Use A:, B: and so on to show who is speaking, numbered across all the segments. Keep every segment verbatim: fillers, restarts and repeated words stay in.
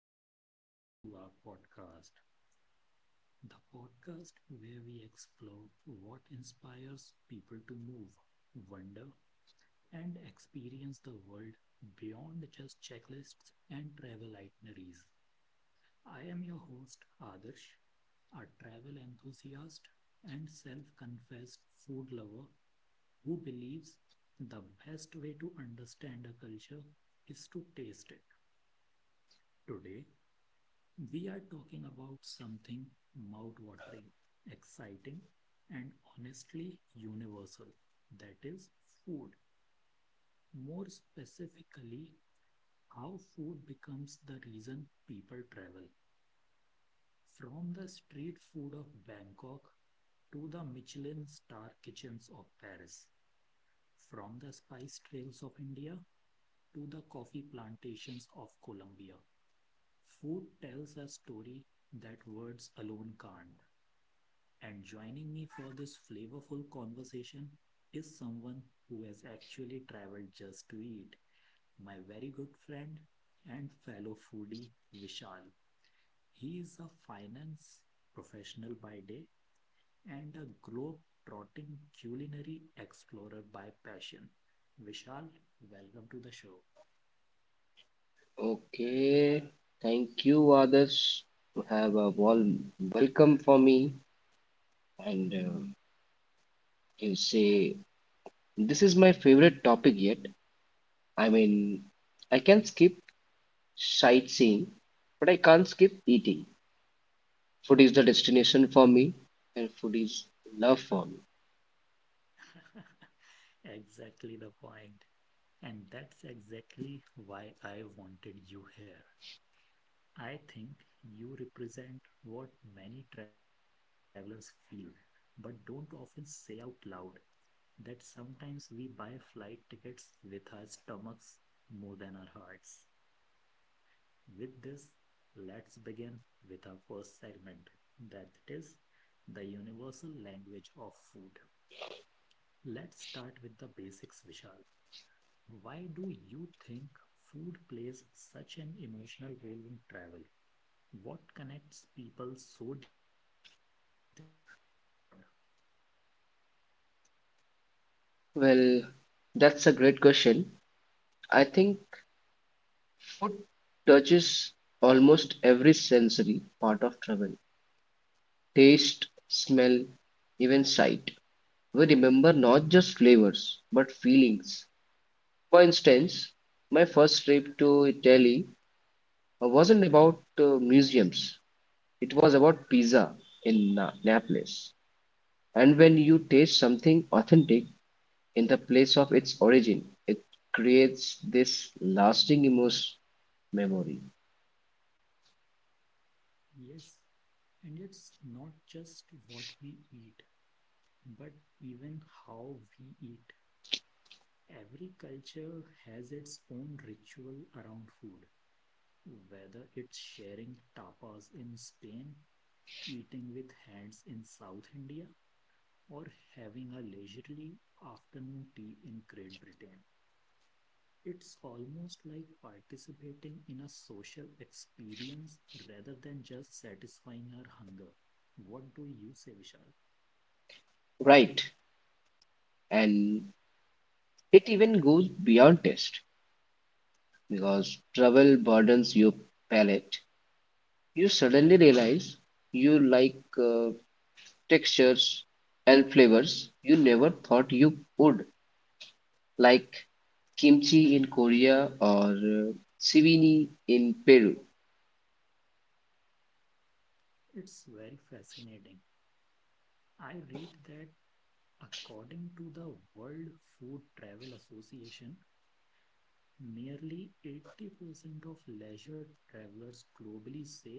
A: welcome back to our podcast, the podcast where we explore what inspires people to move, wonder, and experience the world beyond just checklists and travel itineraries. I am your host, Adarsh, a travel enthusiast and self confessed food lover who believes the best way to understand a culture is to taste it. Today, we are talking about something mouth-watering, exciting, and honestly universal. That is food. More specifically, how food becomes the reason people travel. From the street food of Bangkok to the Michelin star kitchens of Paris, from the spice trails of India to the coffee plantations of Colombia. Food tells a story that words alone can't. And joining me for this flavorful conversation is someone who has actually traveled just to eat, my very good friend and fellow foodie, Vishal. He is a finance professional by day and a globe-trotting culinary explorer by passion. Vishal, welcome to the show.
B: Okay, thank you, others, to have a warm welcome for me. And uh, you say, this is my favorite topic yet. I mean, I can skip sightseeing, but I can't skip eating. Food is the destination for me, and food is love for me.
A: Exactly the point. And that's exactly why I wanted you here. I think you represent what many travelers feel, but don't often say out loud that sometimes we buy flight tickets with our stomachs more than our hearts. With this, let's begin with our first segment that is the universal language of food. Let's start with the basics, Vishal. Why do you think food plays such an emotional role in travel? What connects people so deeply to what they eat abroad?
B: Well, that's a great question. I think food touches almost every sensory part of travel taste, smell, even sight. We remember not just flavors, but feelings. For instance, my first trip to Italy uh, wasn't about uh, museums, it was about pizza in Na- Naples. And when you taste something authentic in the place of its origin, it creates this lasting emotional memory.
A: Yes, and it's not just what we eat, but even how we eat. Every culture has its own ritual around food, whether it's sharing tapas in Spain, eating with hands in South India, or having a leisurely afternoon tea in Great Britain. It's almost like participating in a social experience rather than just satisfying our hunger. What do you say, Vishal?
B: Right, and it even goes beyond taste because travel burdens your palate. You suddenly realize you like uh, textures and flavors you never thought you would, like kimchi in Korea or uh, sivini in Peru.
A: It's very fascinating. I read that according to the World Food Travel Association, nearly eighty percent of leisure travelers globally say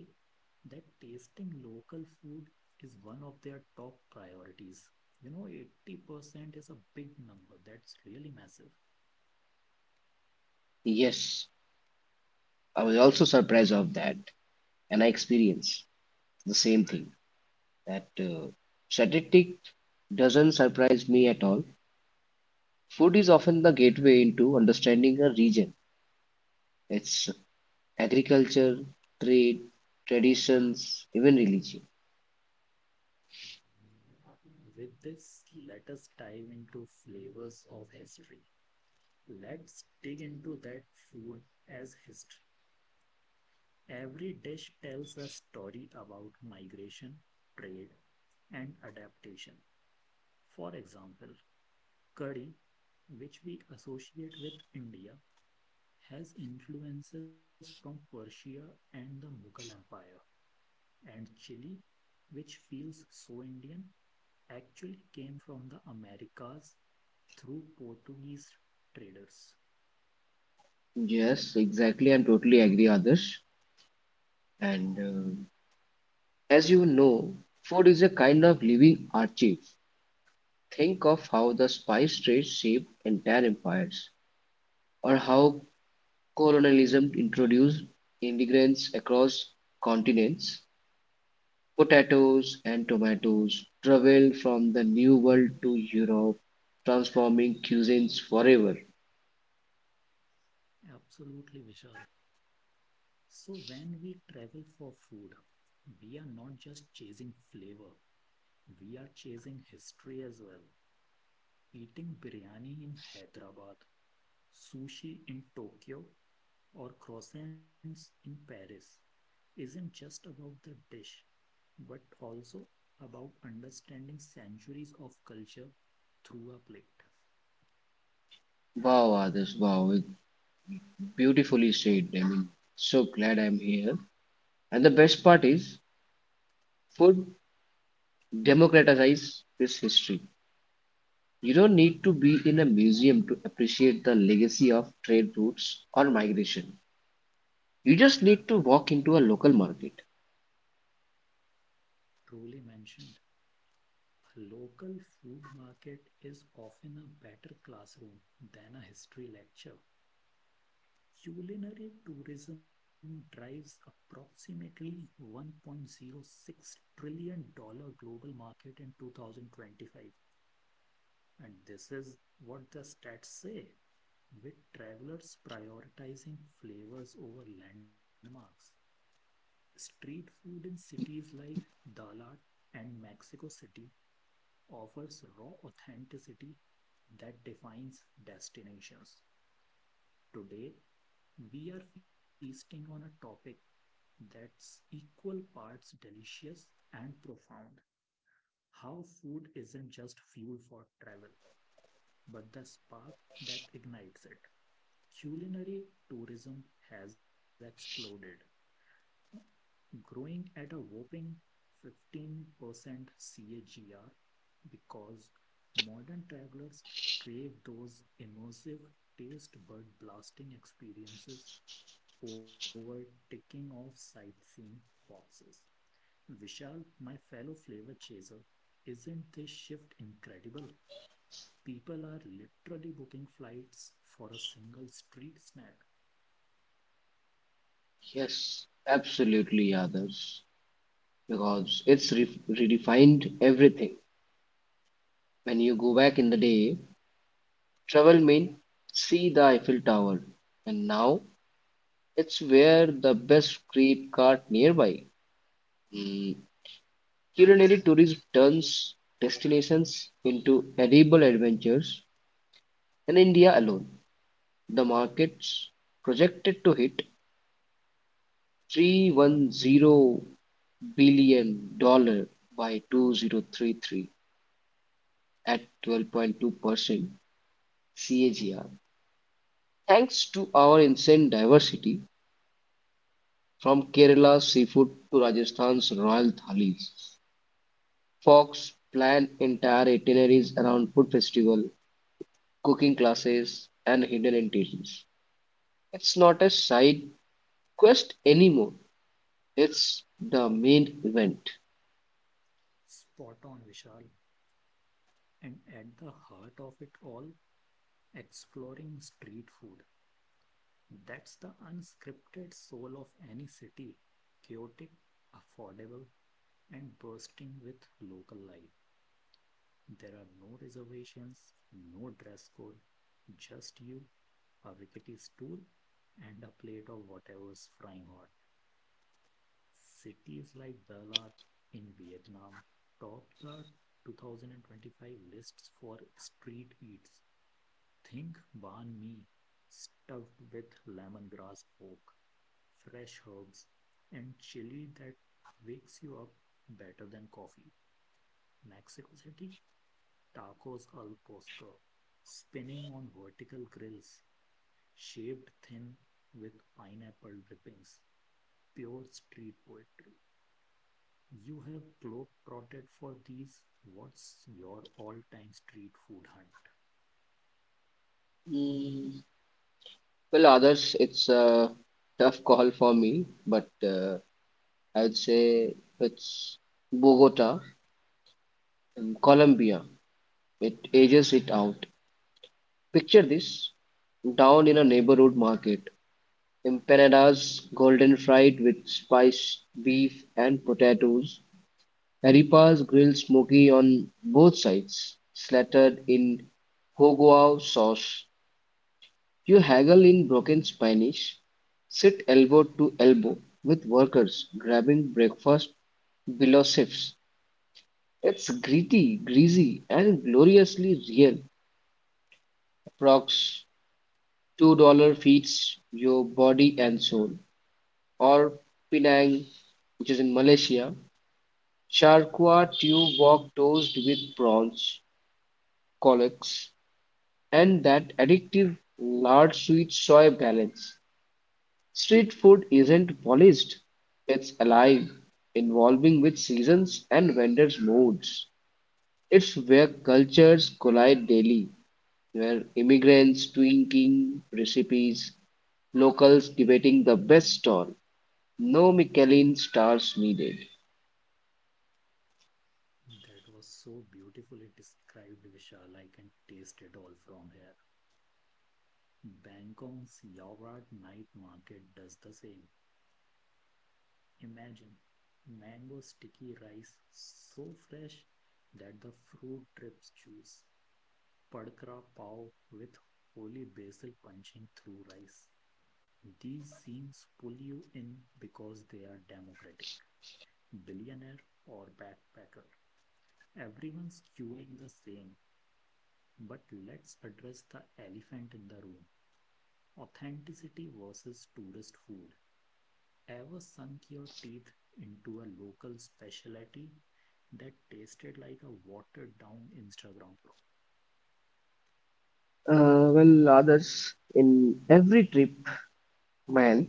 A: that tasting local food is one of their top priorities. You know, eighty percent is a big number. That's really massive.
B: Yes, I was also surprised of that, and I experienced the same thing. That uh, statistic doesn't surprise me at all. Food is often the gateway into understanding a region, its agriculture, trade, traditions, even religion.
A: With this, let us dive into flavors of history. Let's dig into that food as history. Every dish tells a story about migration, trade, and adaptation. For example, curry, which we associate with India, has influences from Persia and the Mughal Empire, and chili, which feels so Indian, actually came from the Americas through Portuguese traders.
B: Yes, exactly. I'm totally agree, others. And uh, as you know, food is a kind of living archive. Think of how the spice trade shaped entire empires, or how colonialism introduced immigrants across continents. Potatoes and tomatoes traveled from the New World to Europe, transforming cuisines forever.
A: Absolutely, Vishal. So, when we travel for food, we are not just chasing flavor, we are chasing history as well. Eating biryani in Hyderabad, sushi in Tokyo, or croissants in Paris isn't just about the dish, but also about understanding centuries of culture through a plate.
B: Wow, others. Wow, it beautifully said. I mean, so glad I'm here. And the best part is, food democratizes this history. You don't need to be in a museum to appreciate the legacy of trade routes or migration. You just need to walk into a local market.
A: Truly mentioned. A local food market is often a better classroom than a history lecture. Culinary tourism drives approximately one point zero six trillion dollars global market in two thousand twenty-five. And this is what the stats say, with travelers prioritizing flavors over landmarks. Street food in cities like Dallas and Mexico City offers raw authenticity that defines destinations. Today, we are feasting on a topic that's equal parts delicious and profound. How food isn't just fuel for travel, but the spark that ignites it. Culinary tourism has exploded, growing at a whopping fifteen percent C A G R because modern travelers crave those immersive taste bud blasting experiences over ticking off sightseeing boxes. Vishal, my fellow flavor chaser, isn't this shift incredible? People are literally booking flights for a single street snack.
B: Yes, absolutely, others. Because it's re- redefined everything. When you go back in the day, travel meant see the Eiffel Tower, and now it's where the best crepe cart nearby. Mm, Culinary tourism turns destinations into edible adventures in India alone. The market's projected to hit three one zero billion dollar by twenty thirty-three at twelve point two percent CAGR. Thanks to our insane diversity from Kerala's seafood to Rajasthan's royal thalis, Fox planned entire itineraries around food festival, cooking classes, and hidden entities. It's not a side quest anymore. It's the main event.
A: Spot on, Vishal. And at the heart of it all exploring street food. That's the unscripted soul of any city chaotic, affordable, and bursting with local life. There are no reservations, no dress code, just you, a rickety stool, and a plate of whatever's frying hot. Cities like Dalat in Vietnam topped the two thousand twenty-five lists for street eats. Think banh mi stuffed with lemongrass pork, fresh herbs, and chili that wakes you up better than coffee. Mexico City, tacos al pastor, spinning on vertical grills, shaved thin with pineapple drippings. Pure street poetry. You have globe trotted for these. What's your all-time street food hunt?
B: Mm, Well, others, it's a tough call for me, but uh, I'd say it's Bogota in Colombia. It ages it out. Picture this down in a neighborhood market. Empanadas, golden fried with spiced beef and potatoes. Arepas grilled smoky on both sides, slathered in Hogao sauce. You haggle in broken Spanish, sit elbow to elbow with workers grabbing breakfast below shifts. It's gritty, greasy, and gloriously real. Approx. two dollars feeds your body and soul. Or Penang, which is in Malaysia, charqua tube wok toast with prawns, collox, and that addictive lard sweet soy balance. Street food isn't polished, it's alive, evolving with seasons and vendors' moods. It's where cultures collide daily, where immigrants tweaking recipes, locals debating the best stall. No Michelin stars needed.
A: That was so beautifully described, Vishal. I can taste it all from here. Bangkok's Yawrat night market does the same. Imagine mango sticky rice so fresh that the fruit drips juice. Padkra pav with holy basil punching through rice. These scenes pull you in because they are democratic. Billionaire or backpacker. Everyone's queuing the same. But let's address the elephant in the room authenticity versus tourist food. Ever sunk your teeth into a local specialty that tasted like a watered down Instagram pro?
B: Uh, well, others in every trip, man,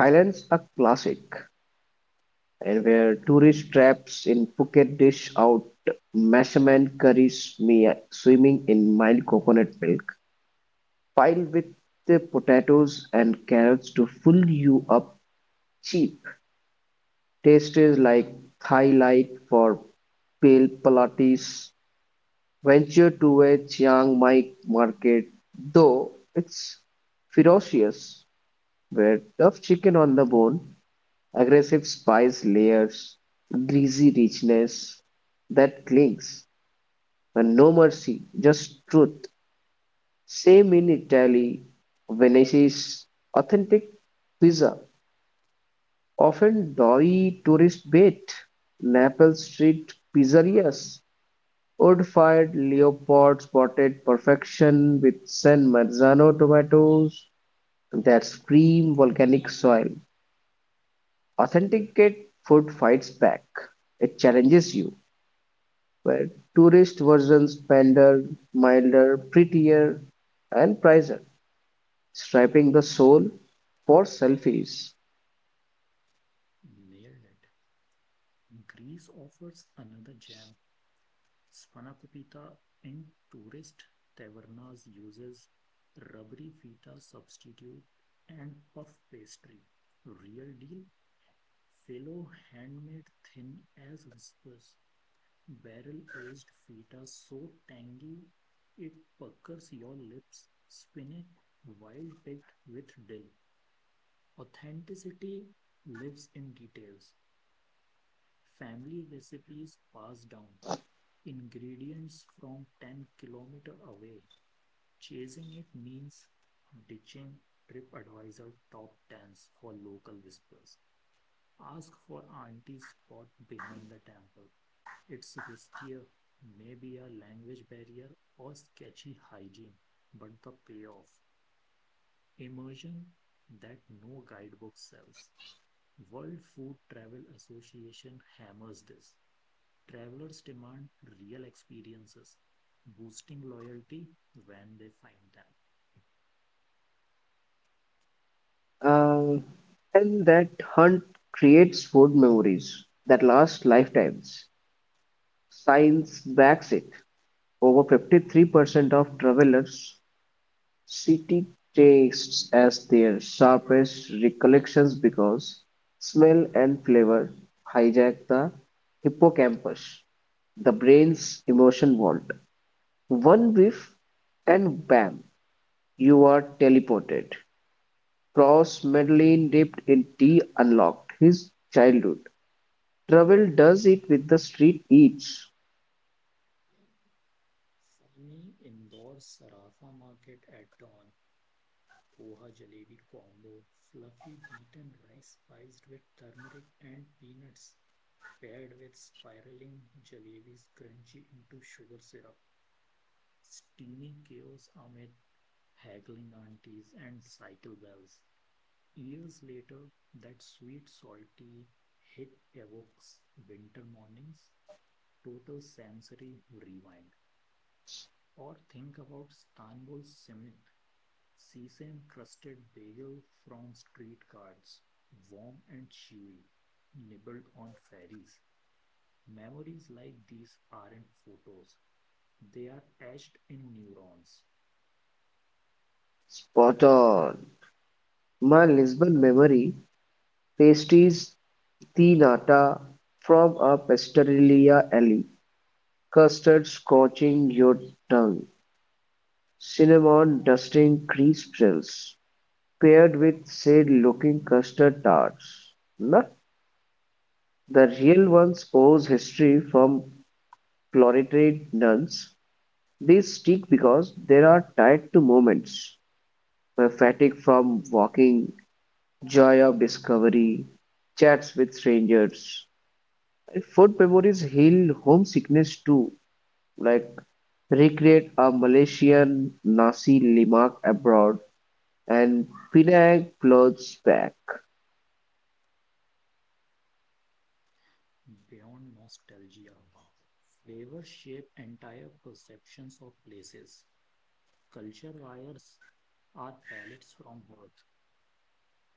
B: Thailand's a classic. And where tourist traps in Phuket dish out measurement curries, me swimming in mild coconut milk, piled with the potatoes and carrots to fill you up cheap. Taste is like Thai light for pale palates. Venture to a Chiang Mai market, though it's ferocious, where tough chicken on the bone aggressive spice layers, greasy richness that clings, and no mercy, just truth. Same in Italy, Venice's authentic pizza, often doughy tourist bait, Naples street pizzerias, wood-fired Leopold spotted perfection with San Marzano tomatoes that scream volcanic soil. Authenticate food fights back. It challenges you. Where tourist versions pander, milder, prettier, and pricier, stripping the soul for selfies.
A: Nailed it. Greece offers another gem. Spanakopita pita in tourist tavernas uses rubbery feta substitute and puff pastry. Real deal, fellow handmade thin as whispers. Barrel-aged feta so tangy it puckers your lips. Spinach wild picked with dill. Authenticity lives in details. Family recipes passed down. Ingredients from ten kilometer away. Chasing it means ditching TripAdvisor top tens for local whispers. Ask for auntie's spot behind the temple. It's riskier, maybe a language barrier or sketchy hygiene, but the payoff. Immersion that no guidebook sells. World Food Travel Association hammers this. Travelers demand real experiences, boosting loyalty when they find them.
B: Uh, and that hunt creates food memories that last lifetimes. Science backs it. Over fifty-three percent of travelers City tastes as their sharpest recollections because smell and flavor hijack the hippocampus, the brain's emotion vault. One whiff and bam, you are teleported. Cross Madeleine, dipped in tea unlocked his childhood. Travel does it with the street eats.
A: For me, indoor Sarafa market at dawn poha jalebi combo, fluffy beaten rice spiced with turmeric and peanuts, paired with spiraling jalebis crunchy into sugar syrup, steamy chaos amid haggling aunties and cycle bells. Years later, that sweet salty hit evokes winter mornings, total sensory rewind. Or think about Istanbul simit, sesame crusted bagel from street cards, warm and chewy, nibbled on fairies. Memories like these aren't photos, they are etched in neurons
B: Spot on. My Lisbon memory Pastries di nata from a pasticceria alley, custard scorching your tongue, cinnamon dusting grease spills, paired with sad-looking custard tarts. Not the real ones owes history from cloistered nuns. They stick because they are tied to moments where fatigue from walking, joy of discovery, chats with strangers, If Food memories heal homesickness too, like recreate a Malaysian nasi lemak abroad and Penang clothes back.
A: beyond nostalgia. Flavors shape entire perceptions of places. Culture wires are palates from Earth.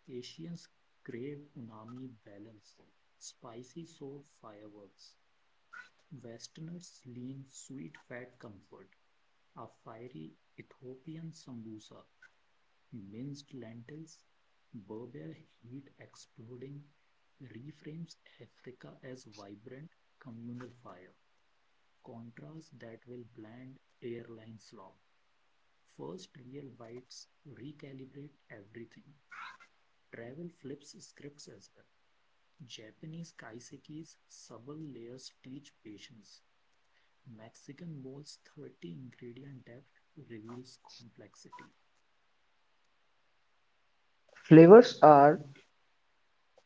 A: Asians crave unami balance, spicy soul fireworks. Westerners lean sweet fat comfort, a fiery Ethiopian sambusa, minced lentils, Berber heat exploding reframes Africa as vibrant communal fire, contrast that will bland airline slop. First real bites recalibrate everything. Travel flips scripts as well. Japanese kaisekis' subtle layers teach patience. Mexican bowl's thirty ingredient depth reveals complexity
B: Flavors are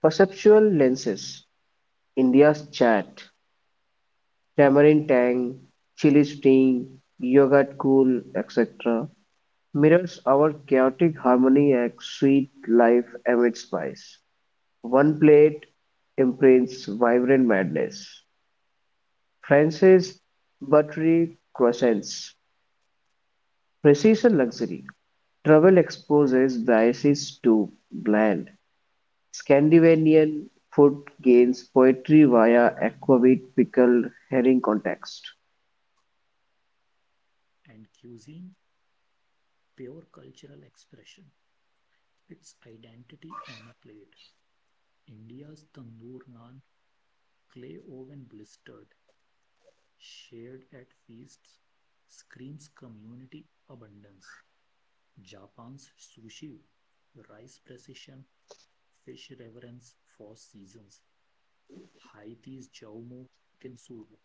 B: perceptual lenses. India's chat, tamarind tang, chili sting, yogurt cool, et cetera mirrors our chaotic harmony and sweet life amid spice. One plate imprints vibrant madness. France's buttery croissants, precision luxury, travel exposes biases to bland Scandinavian food gains poetry via aquavit pickled herring context.
A: and cuisine, pure cultural expression, its identity on a plate. India's tandoor naan, clay oven blistered, shared at feasts, screams community abundance. Japan's sushi, rice precision, fish reverence for seasons. Haiti's jaumo, soup,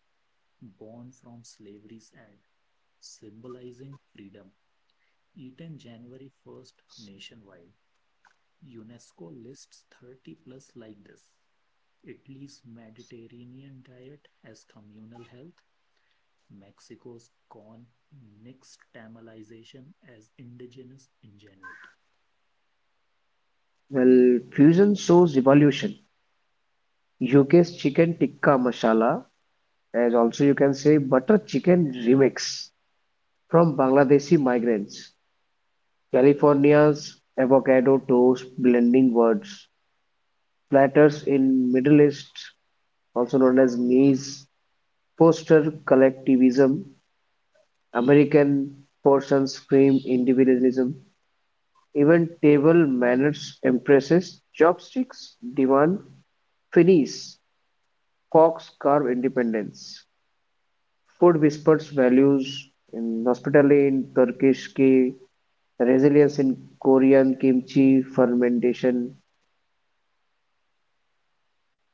A: born from slavery's end, symbolizing freedom. Eaten January first nationwide. UNESCO lists thirty plus like this. Italy's Mediterranean diet as communal health, Mexico's corn nixtamalization as indigenous ingenuity.
B: Well, fusion shows evolution. U K's chicken tikka masala, as also you can say butter chicken remix from Bangladeshi migrants. California's avocado toast blending words. Platters in Middle East also known as Mies foster collectivism, American portions frame individualism. Even table manners emphasize chopsticks demand finis, cocks carve independence. Food whispers values in hospitality in Turkish ki, resilience in Korean kimchi fermentation.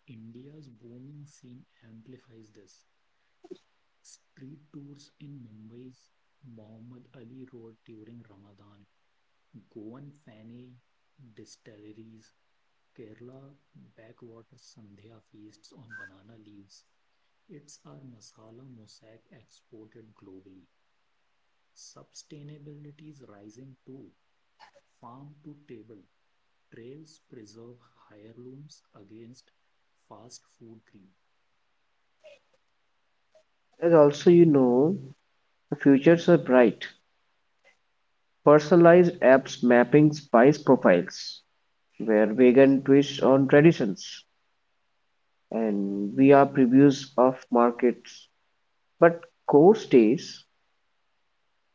A: India's booming scene amplifies this. Street tours in Mumbai's Muhammad Ali Road during Ramadan, Goan Fani distilleries, Kerala backwater Sandhya feasts on banana leaves. It's our masala mosaic exported globally. Sustainability is rising too. Farm to table trails preserve heirlooms against fast food greed.
B: As also you know, the futures are bright. Personalized apps mapping spice profiles where vegan twists on traditions and we are previews of markets. But core stays,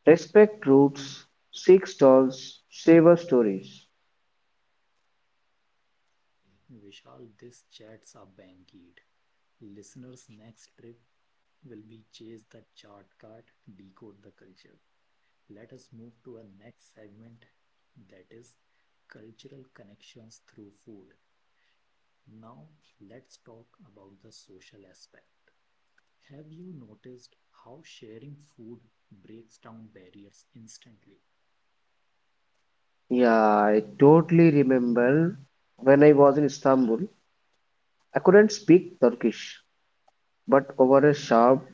B: respect roots, seek stalls, savor stories.
A: Vishal, this chats are bankied. Listeners' next trip will be chase the chart card, decode the culture. Let us move to our next segment that is cultural connections through food. Now, let's talk about the social aspect. Have you noticed how sharing food breaks down barriers instantly?
B: Yeah, I totally remember when I was in Istanbul, I couldn't speak Turkish, but over a sharp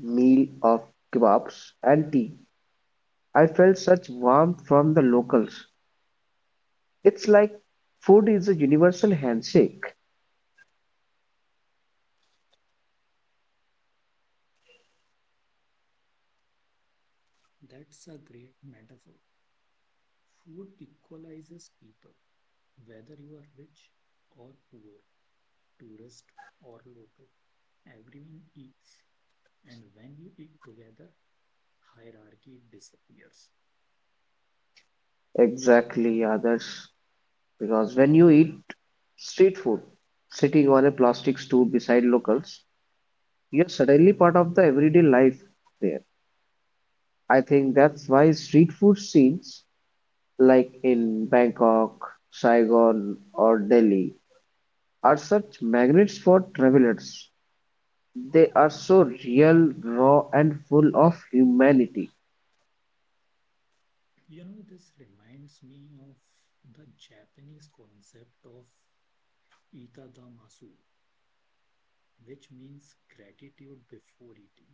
B: meal of kebabs and tea, I felt such warmth from the locals. It's like food is a universal handshake.
A: That's a great metaphor. Food equalizes people, whether you are rich or poor, tourist or local. Everyone eats, and when you eat together, hierarchy disappears.
B: Exactly, others. Because when you eat street food, sitting on a plastic stool beside locals, you're suddenly part of the everyday life there. I think that's why street food scenes, like in Bangkok, Saigon, or Delhi, are such magnets for travelers. They are so real, raw, and full of humanity.
A: You know, this reminds me of the Japanese concept of itadamasu, which means gratitude before eating.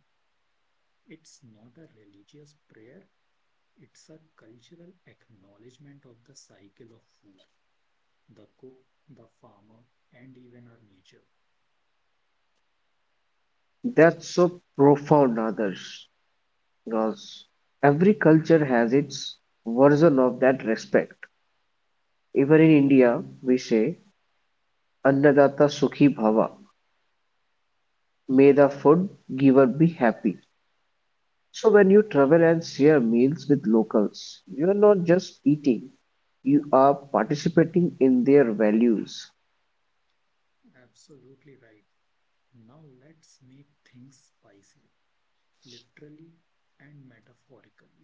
A: It's not a religious prayer, it's a cultural acknowledgement of the cycle of food, the cook, the farmer, and even our nature.
B: That's so profound, others, because every culture has its version of that respect. Even in India, we say, Annadatta Sukhi Bhava, may the food giver be happy. So when you travel and share meals with locals, you are not just eating, you are participating in their values.
A: Absolutely right. Now let's make things spicy, literally and metaphorically.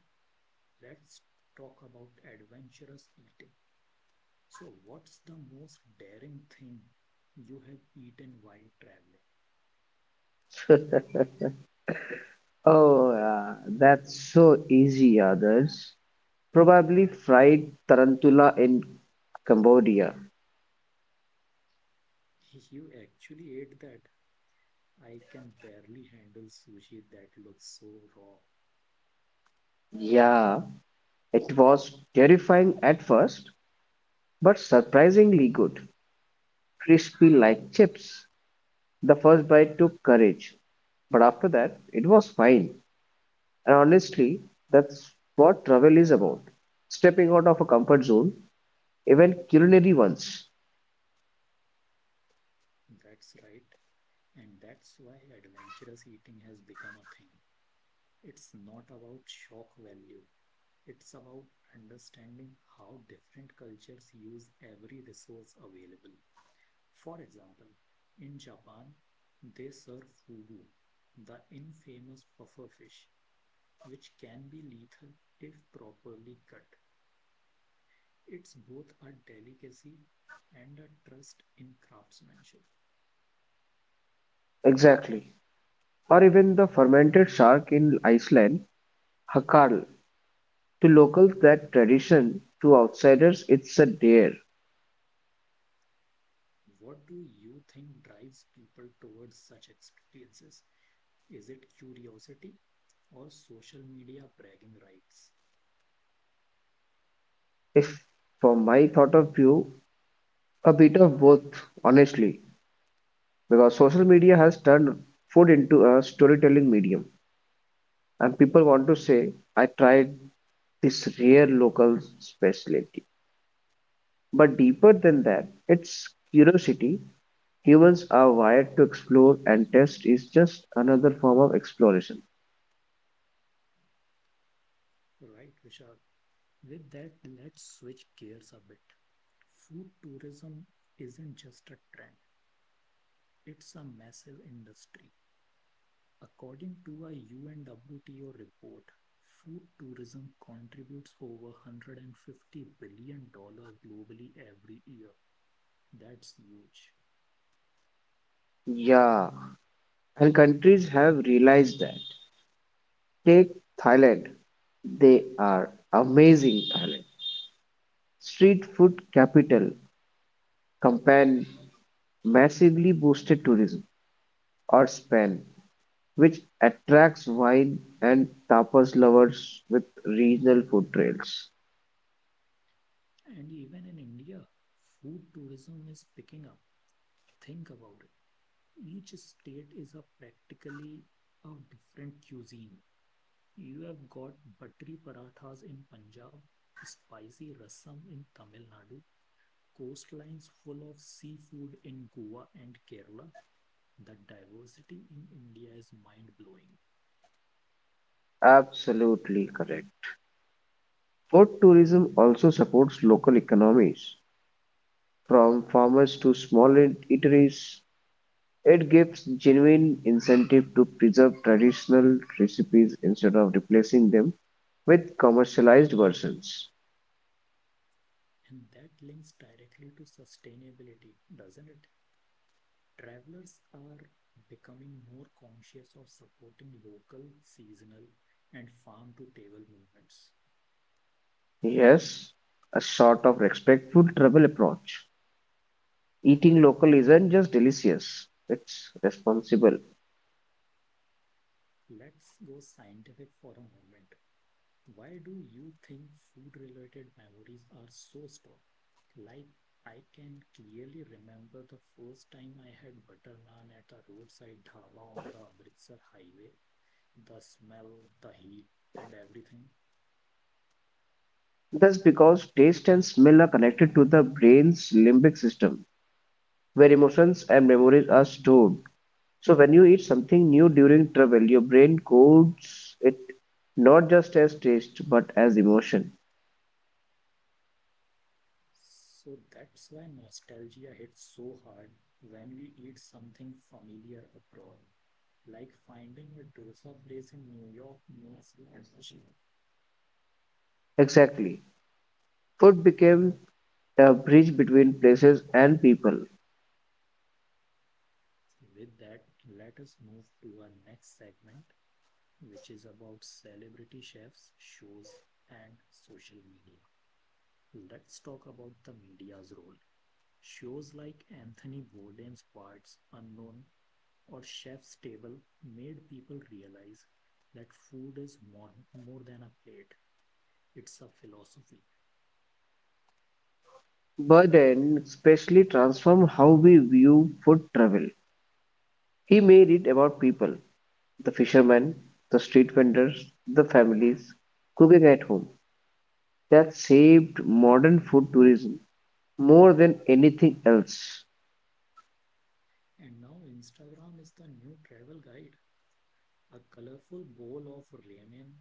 A: Let's talk about adventurous eating. So, what's the most daring thing you have eaten while traveling?
B: Oh, yeah, that's so easy, others. Probably fried tarantula in Cambodia.
A: You actually ate that. I can barely handle sushi that looks so raw.
B: Yeah, it was terrifying at first, but surprisingly good, crispy like chips. The first bite took courage, but after that, it was fine. And honestly, that's what travel is about. Stepping out of a comfort zone, even culinary ones.
A: That's right. And that's why adventurous eating has become a thing. It's not about shock value, it's about understanding how different cultures use every resource available. For example, in Japan, they serve fugu, the infamous puffer fish which can be lethal if properly cut. It's both a delicacy and a trust in craftsmanship.
B: Exactly. Or even the fermented shark in Iceland, Hakarl. To locals, that tradition, to outsiders, it's a dare.
A: What do you think drives people towards such experiences? Is it curiosity or social media bragging rights?
B: If, from my thought of view, a bit of both, honestly. Because social media has turned food into a storytelling medium. And people want to say, I tried this rare local specialty. But deeper than that, it's curiosity. Humans are wired to explore, and test is just another form of exploration.
A: Right, Vishal. With that, let's switch gears a bit. Food tourism isn't just a trend, it's a massive industry. According to a U N report, food tourism contributes over one hundred fifty billion dollars globally every year. That's huge.
B: Yeah, and countries have realized that. Take Thailand. They are amazing, Thailand. Street food capital, Kampan massively boosted tourism, or Spain, which attracts wine and tapas lovers with regional food trails.
A: And even in India, food tourism is picking up. Think about it. Each state is a practically a different cuisine. You have got buttery parathas in Punjab, spicy rasam in Tamil Nadu, coastlines full of seafood in Goa and Kerala. The diversity in India is mind blowing,
B: Absolutely correct. Food tourism also supports local economies. From farmers to small eateries, it gives genuine incentive to preserve traditional recipes instead of replacing them with commercialized versions.
A: and that links directly to sustainability, doesn't it? Travelers are becoming more conscious of supporting local, seasonal, and farm to table movements.
B: Yes, a sort of respectful travel approach. Eating local isn't just delicious, it's responsible.
A: Let's go scientific for a moment. Why do you think food related memories are so strong? Like, I can clearly remember the first time I had butter naan at a roadside dhaba on the Amritsar highway, the smell, the heat, and everything.
B: That's because taste and smell are connected to the brain's limbic system, where emotions and memories are stored. So when you eat something new during travel, your brain codes it not just as taste but as emotion.
A: So that's why nostalgia hits so hard when we eat something familiar abroad. Like finding a Tulsa place in New York means energy.
B: Exactly. Food became a bridge between places and people.
A: With that, let us move to our next segment, which is about celebrity chefs, shows, and social media. Let's talk about the media's role. Shows like Anthony Bourdain's Parts Unknown or chef's table made people realize that food is more, more than a plate, it's a philosophy.
B: Burden especially transformed how we view food travel. He made it about people, the fishermen, the street vendors, the families, cooking at home. That saved modern food tourism more than anything else.
A: And now Instagram is the new travel guide. A colorful bowl of ramen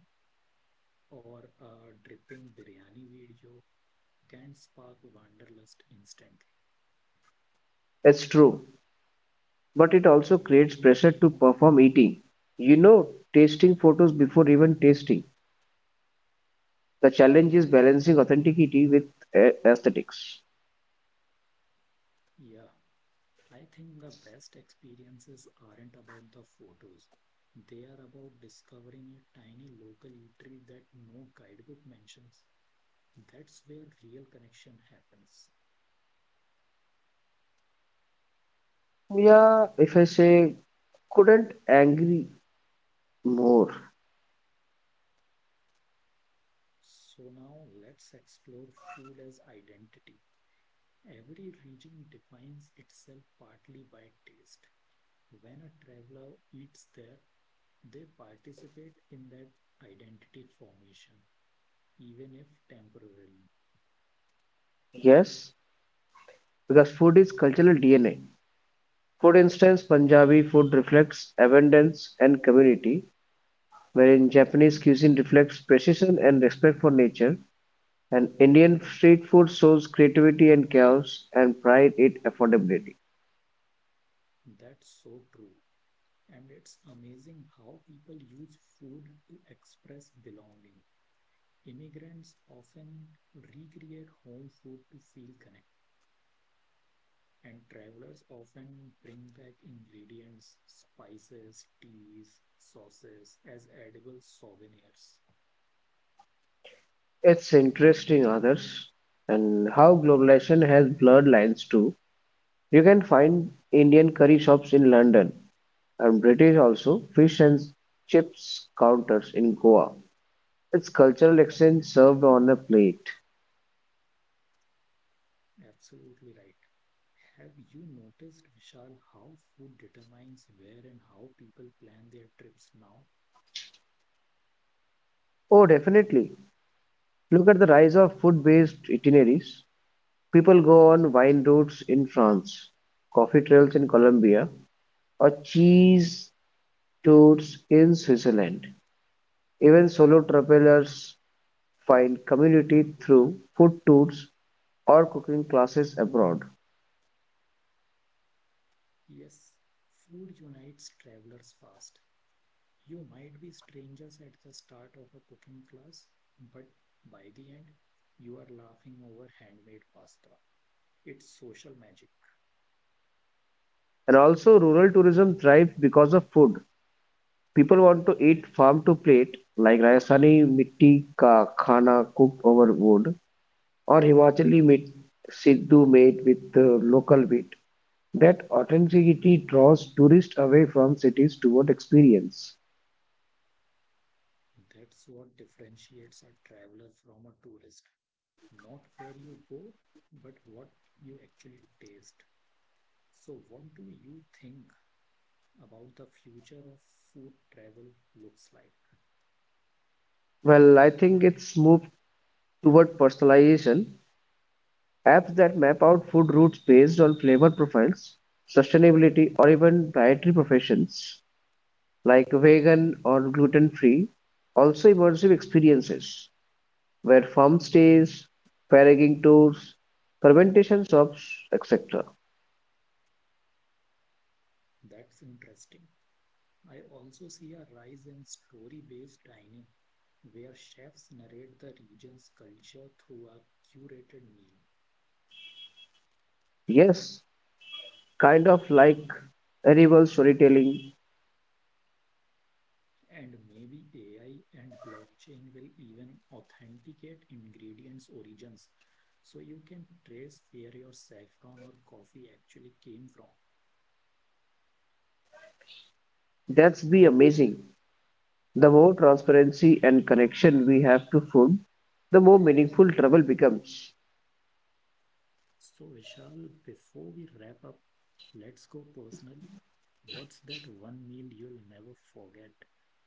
A: or a dripping biryani video can spark wanderlust instantly.
B: It's true. But it also creates pressure to perform eating. You know, Tasting photos before even tasting. The challenge is balancing authenticity with a- aesthetics.
A: Yeah, I think the best experiences aren't about the photos. They are about discovering a tiny local eatery that no guidebook mentions. That's where real connection happens.
B: Yeah, if I say couldn't agree more.
A: So now let's explore food as identity. Every region defines itself partly by taste. When a traveler eats there, they participate in that identity formation, even if temporarily.
B: Yes, because food is cultural D N A. For instance, Punjabi food reflects abundance and community, wherein Japanese cuisine reflects precision and respect for nature, and Indian street food shows creativity and chaos and pride in affordability.
A: That's so true. And it's amazing how people use food to express belonging. Immigrants often recreate home food to feel connected and travelers often bring back ingredients, spices, teas, sauces as edible souvenirs.
B: It's interesting, others, and how globalization has blurred lines too. You can find Indian curry shops in London and British also fish and chips counters in Goa. It's cultural exchange served on a plate.
A: Absolutely right. Have you noticed, Vishal, how food determines where and how people plan their trips now?
B: Oh, definitely. Look at the rise of food-based itineraries. People go on wine routes in France, coffee trails in Colombia, or cheese tours in Switzerland. Even solo travelers find community through food tours or cooking classes abroad.
A: Yes, food unites travelers fast. You might be strangers at the start of a cooking class, but by the end, you are laughing over handmade pasta. It's social magic.
B: And also, rural tourism thrives because of food. People want to eat farm to plate, like Rajasthani mitti ka khana cooked over wood, or Himachali mit Siddhu made with uh, local wheat. That authenticity draws tourists away from cities toward experience.
A: That's what differentiates a traveler from a tourist. Not where you go, but what you actually taste. So, what do you think about the future of food travel looks like?
B: Well, I think it's moved toward personalization. Apps that map out food routes based on flavor profiles, sustainability, or even dietary professions like vegan or gluten free. Also, immersive experiences where farm stays, foraging tours, fermentation shops, et cetera.
A: That's interesting. I also see a rise in story-based dining, where chefs narrate the region's culture through a curated meal.
B: Yes, kind of like edible storytelling.
A: And maybe A I and blockchain will even authenticate ingredients' origins. So you can trace where your saffron or coffee actually came from.
B: That's be amazing. The more transparency and connection we have to food, the more meaningful travel becomes.
A: So, Vishal, before we wrap up, let's go personal. What's that one meal you'll never forget?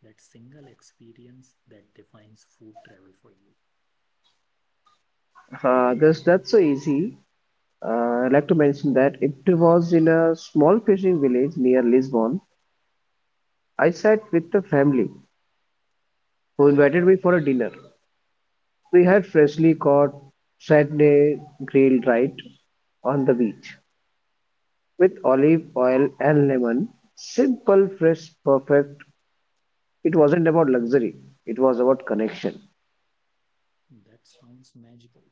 A: That single experience that defines food travel for you.
B: Uh, that's that's so easy. Uh, I'd like to mention that it was in a small fishing village near Lisbon. I sat with the family who invited me for a dinner. We had freshly caught Saturday grilled right on the beach with olive oil and lemon. Simple, fresh, perfect. It wasn't about luxury. It was about connection.
A: That sounds magical.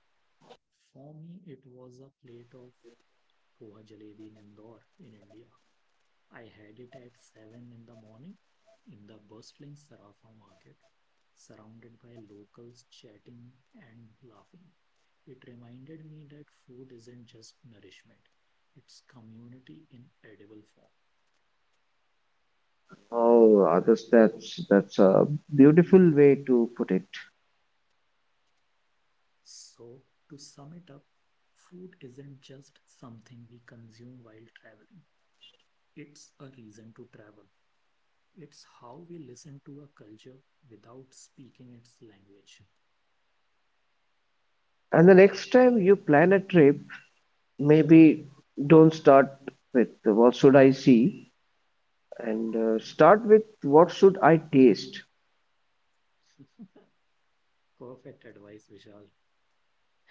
A: For me, it was a plate of poha jalebi in Indore, in India. I had it at seven in the morning in the bustling Sarafa market, surrounded by locals chatting and laughing. It reminded me that food isn't just nourishment, it's community in edible form.
B: Oh, others, that's that's a beautiful way to put it.
A: So, to sum it up, food isn't just something we consume while traveling, it's a reason to travel. It's how we listen to a culture without speaking its language.
B: And the next time you plan a trip, maybe don't start with what should I see and uh, start with what should I taste.
A: Perfect advice, Vishal.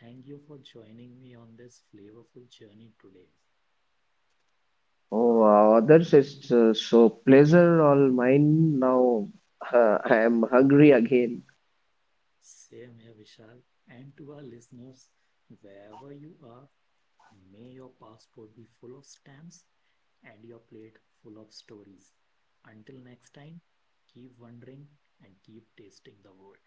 A: Thank you for joining me on this flavorful journey today.
B: Oh, wow, others is uh, so pleasure all mine. Now uh, I am hungry again.
A: Same here, Vishal. And to our listeners, wherever you are, may your passport be full of stamps and your plate full of stories. Until next time, keep wondering and keep tasting the world.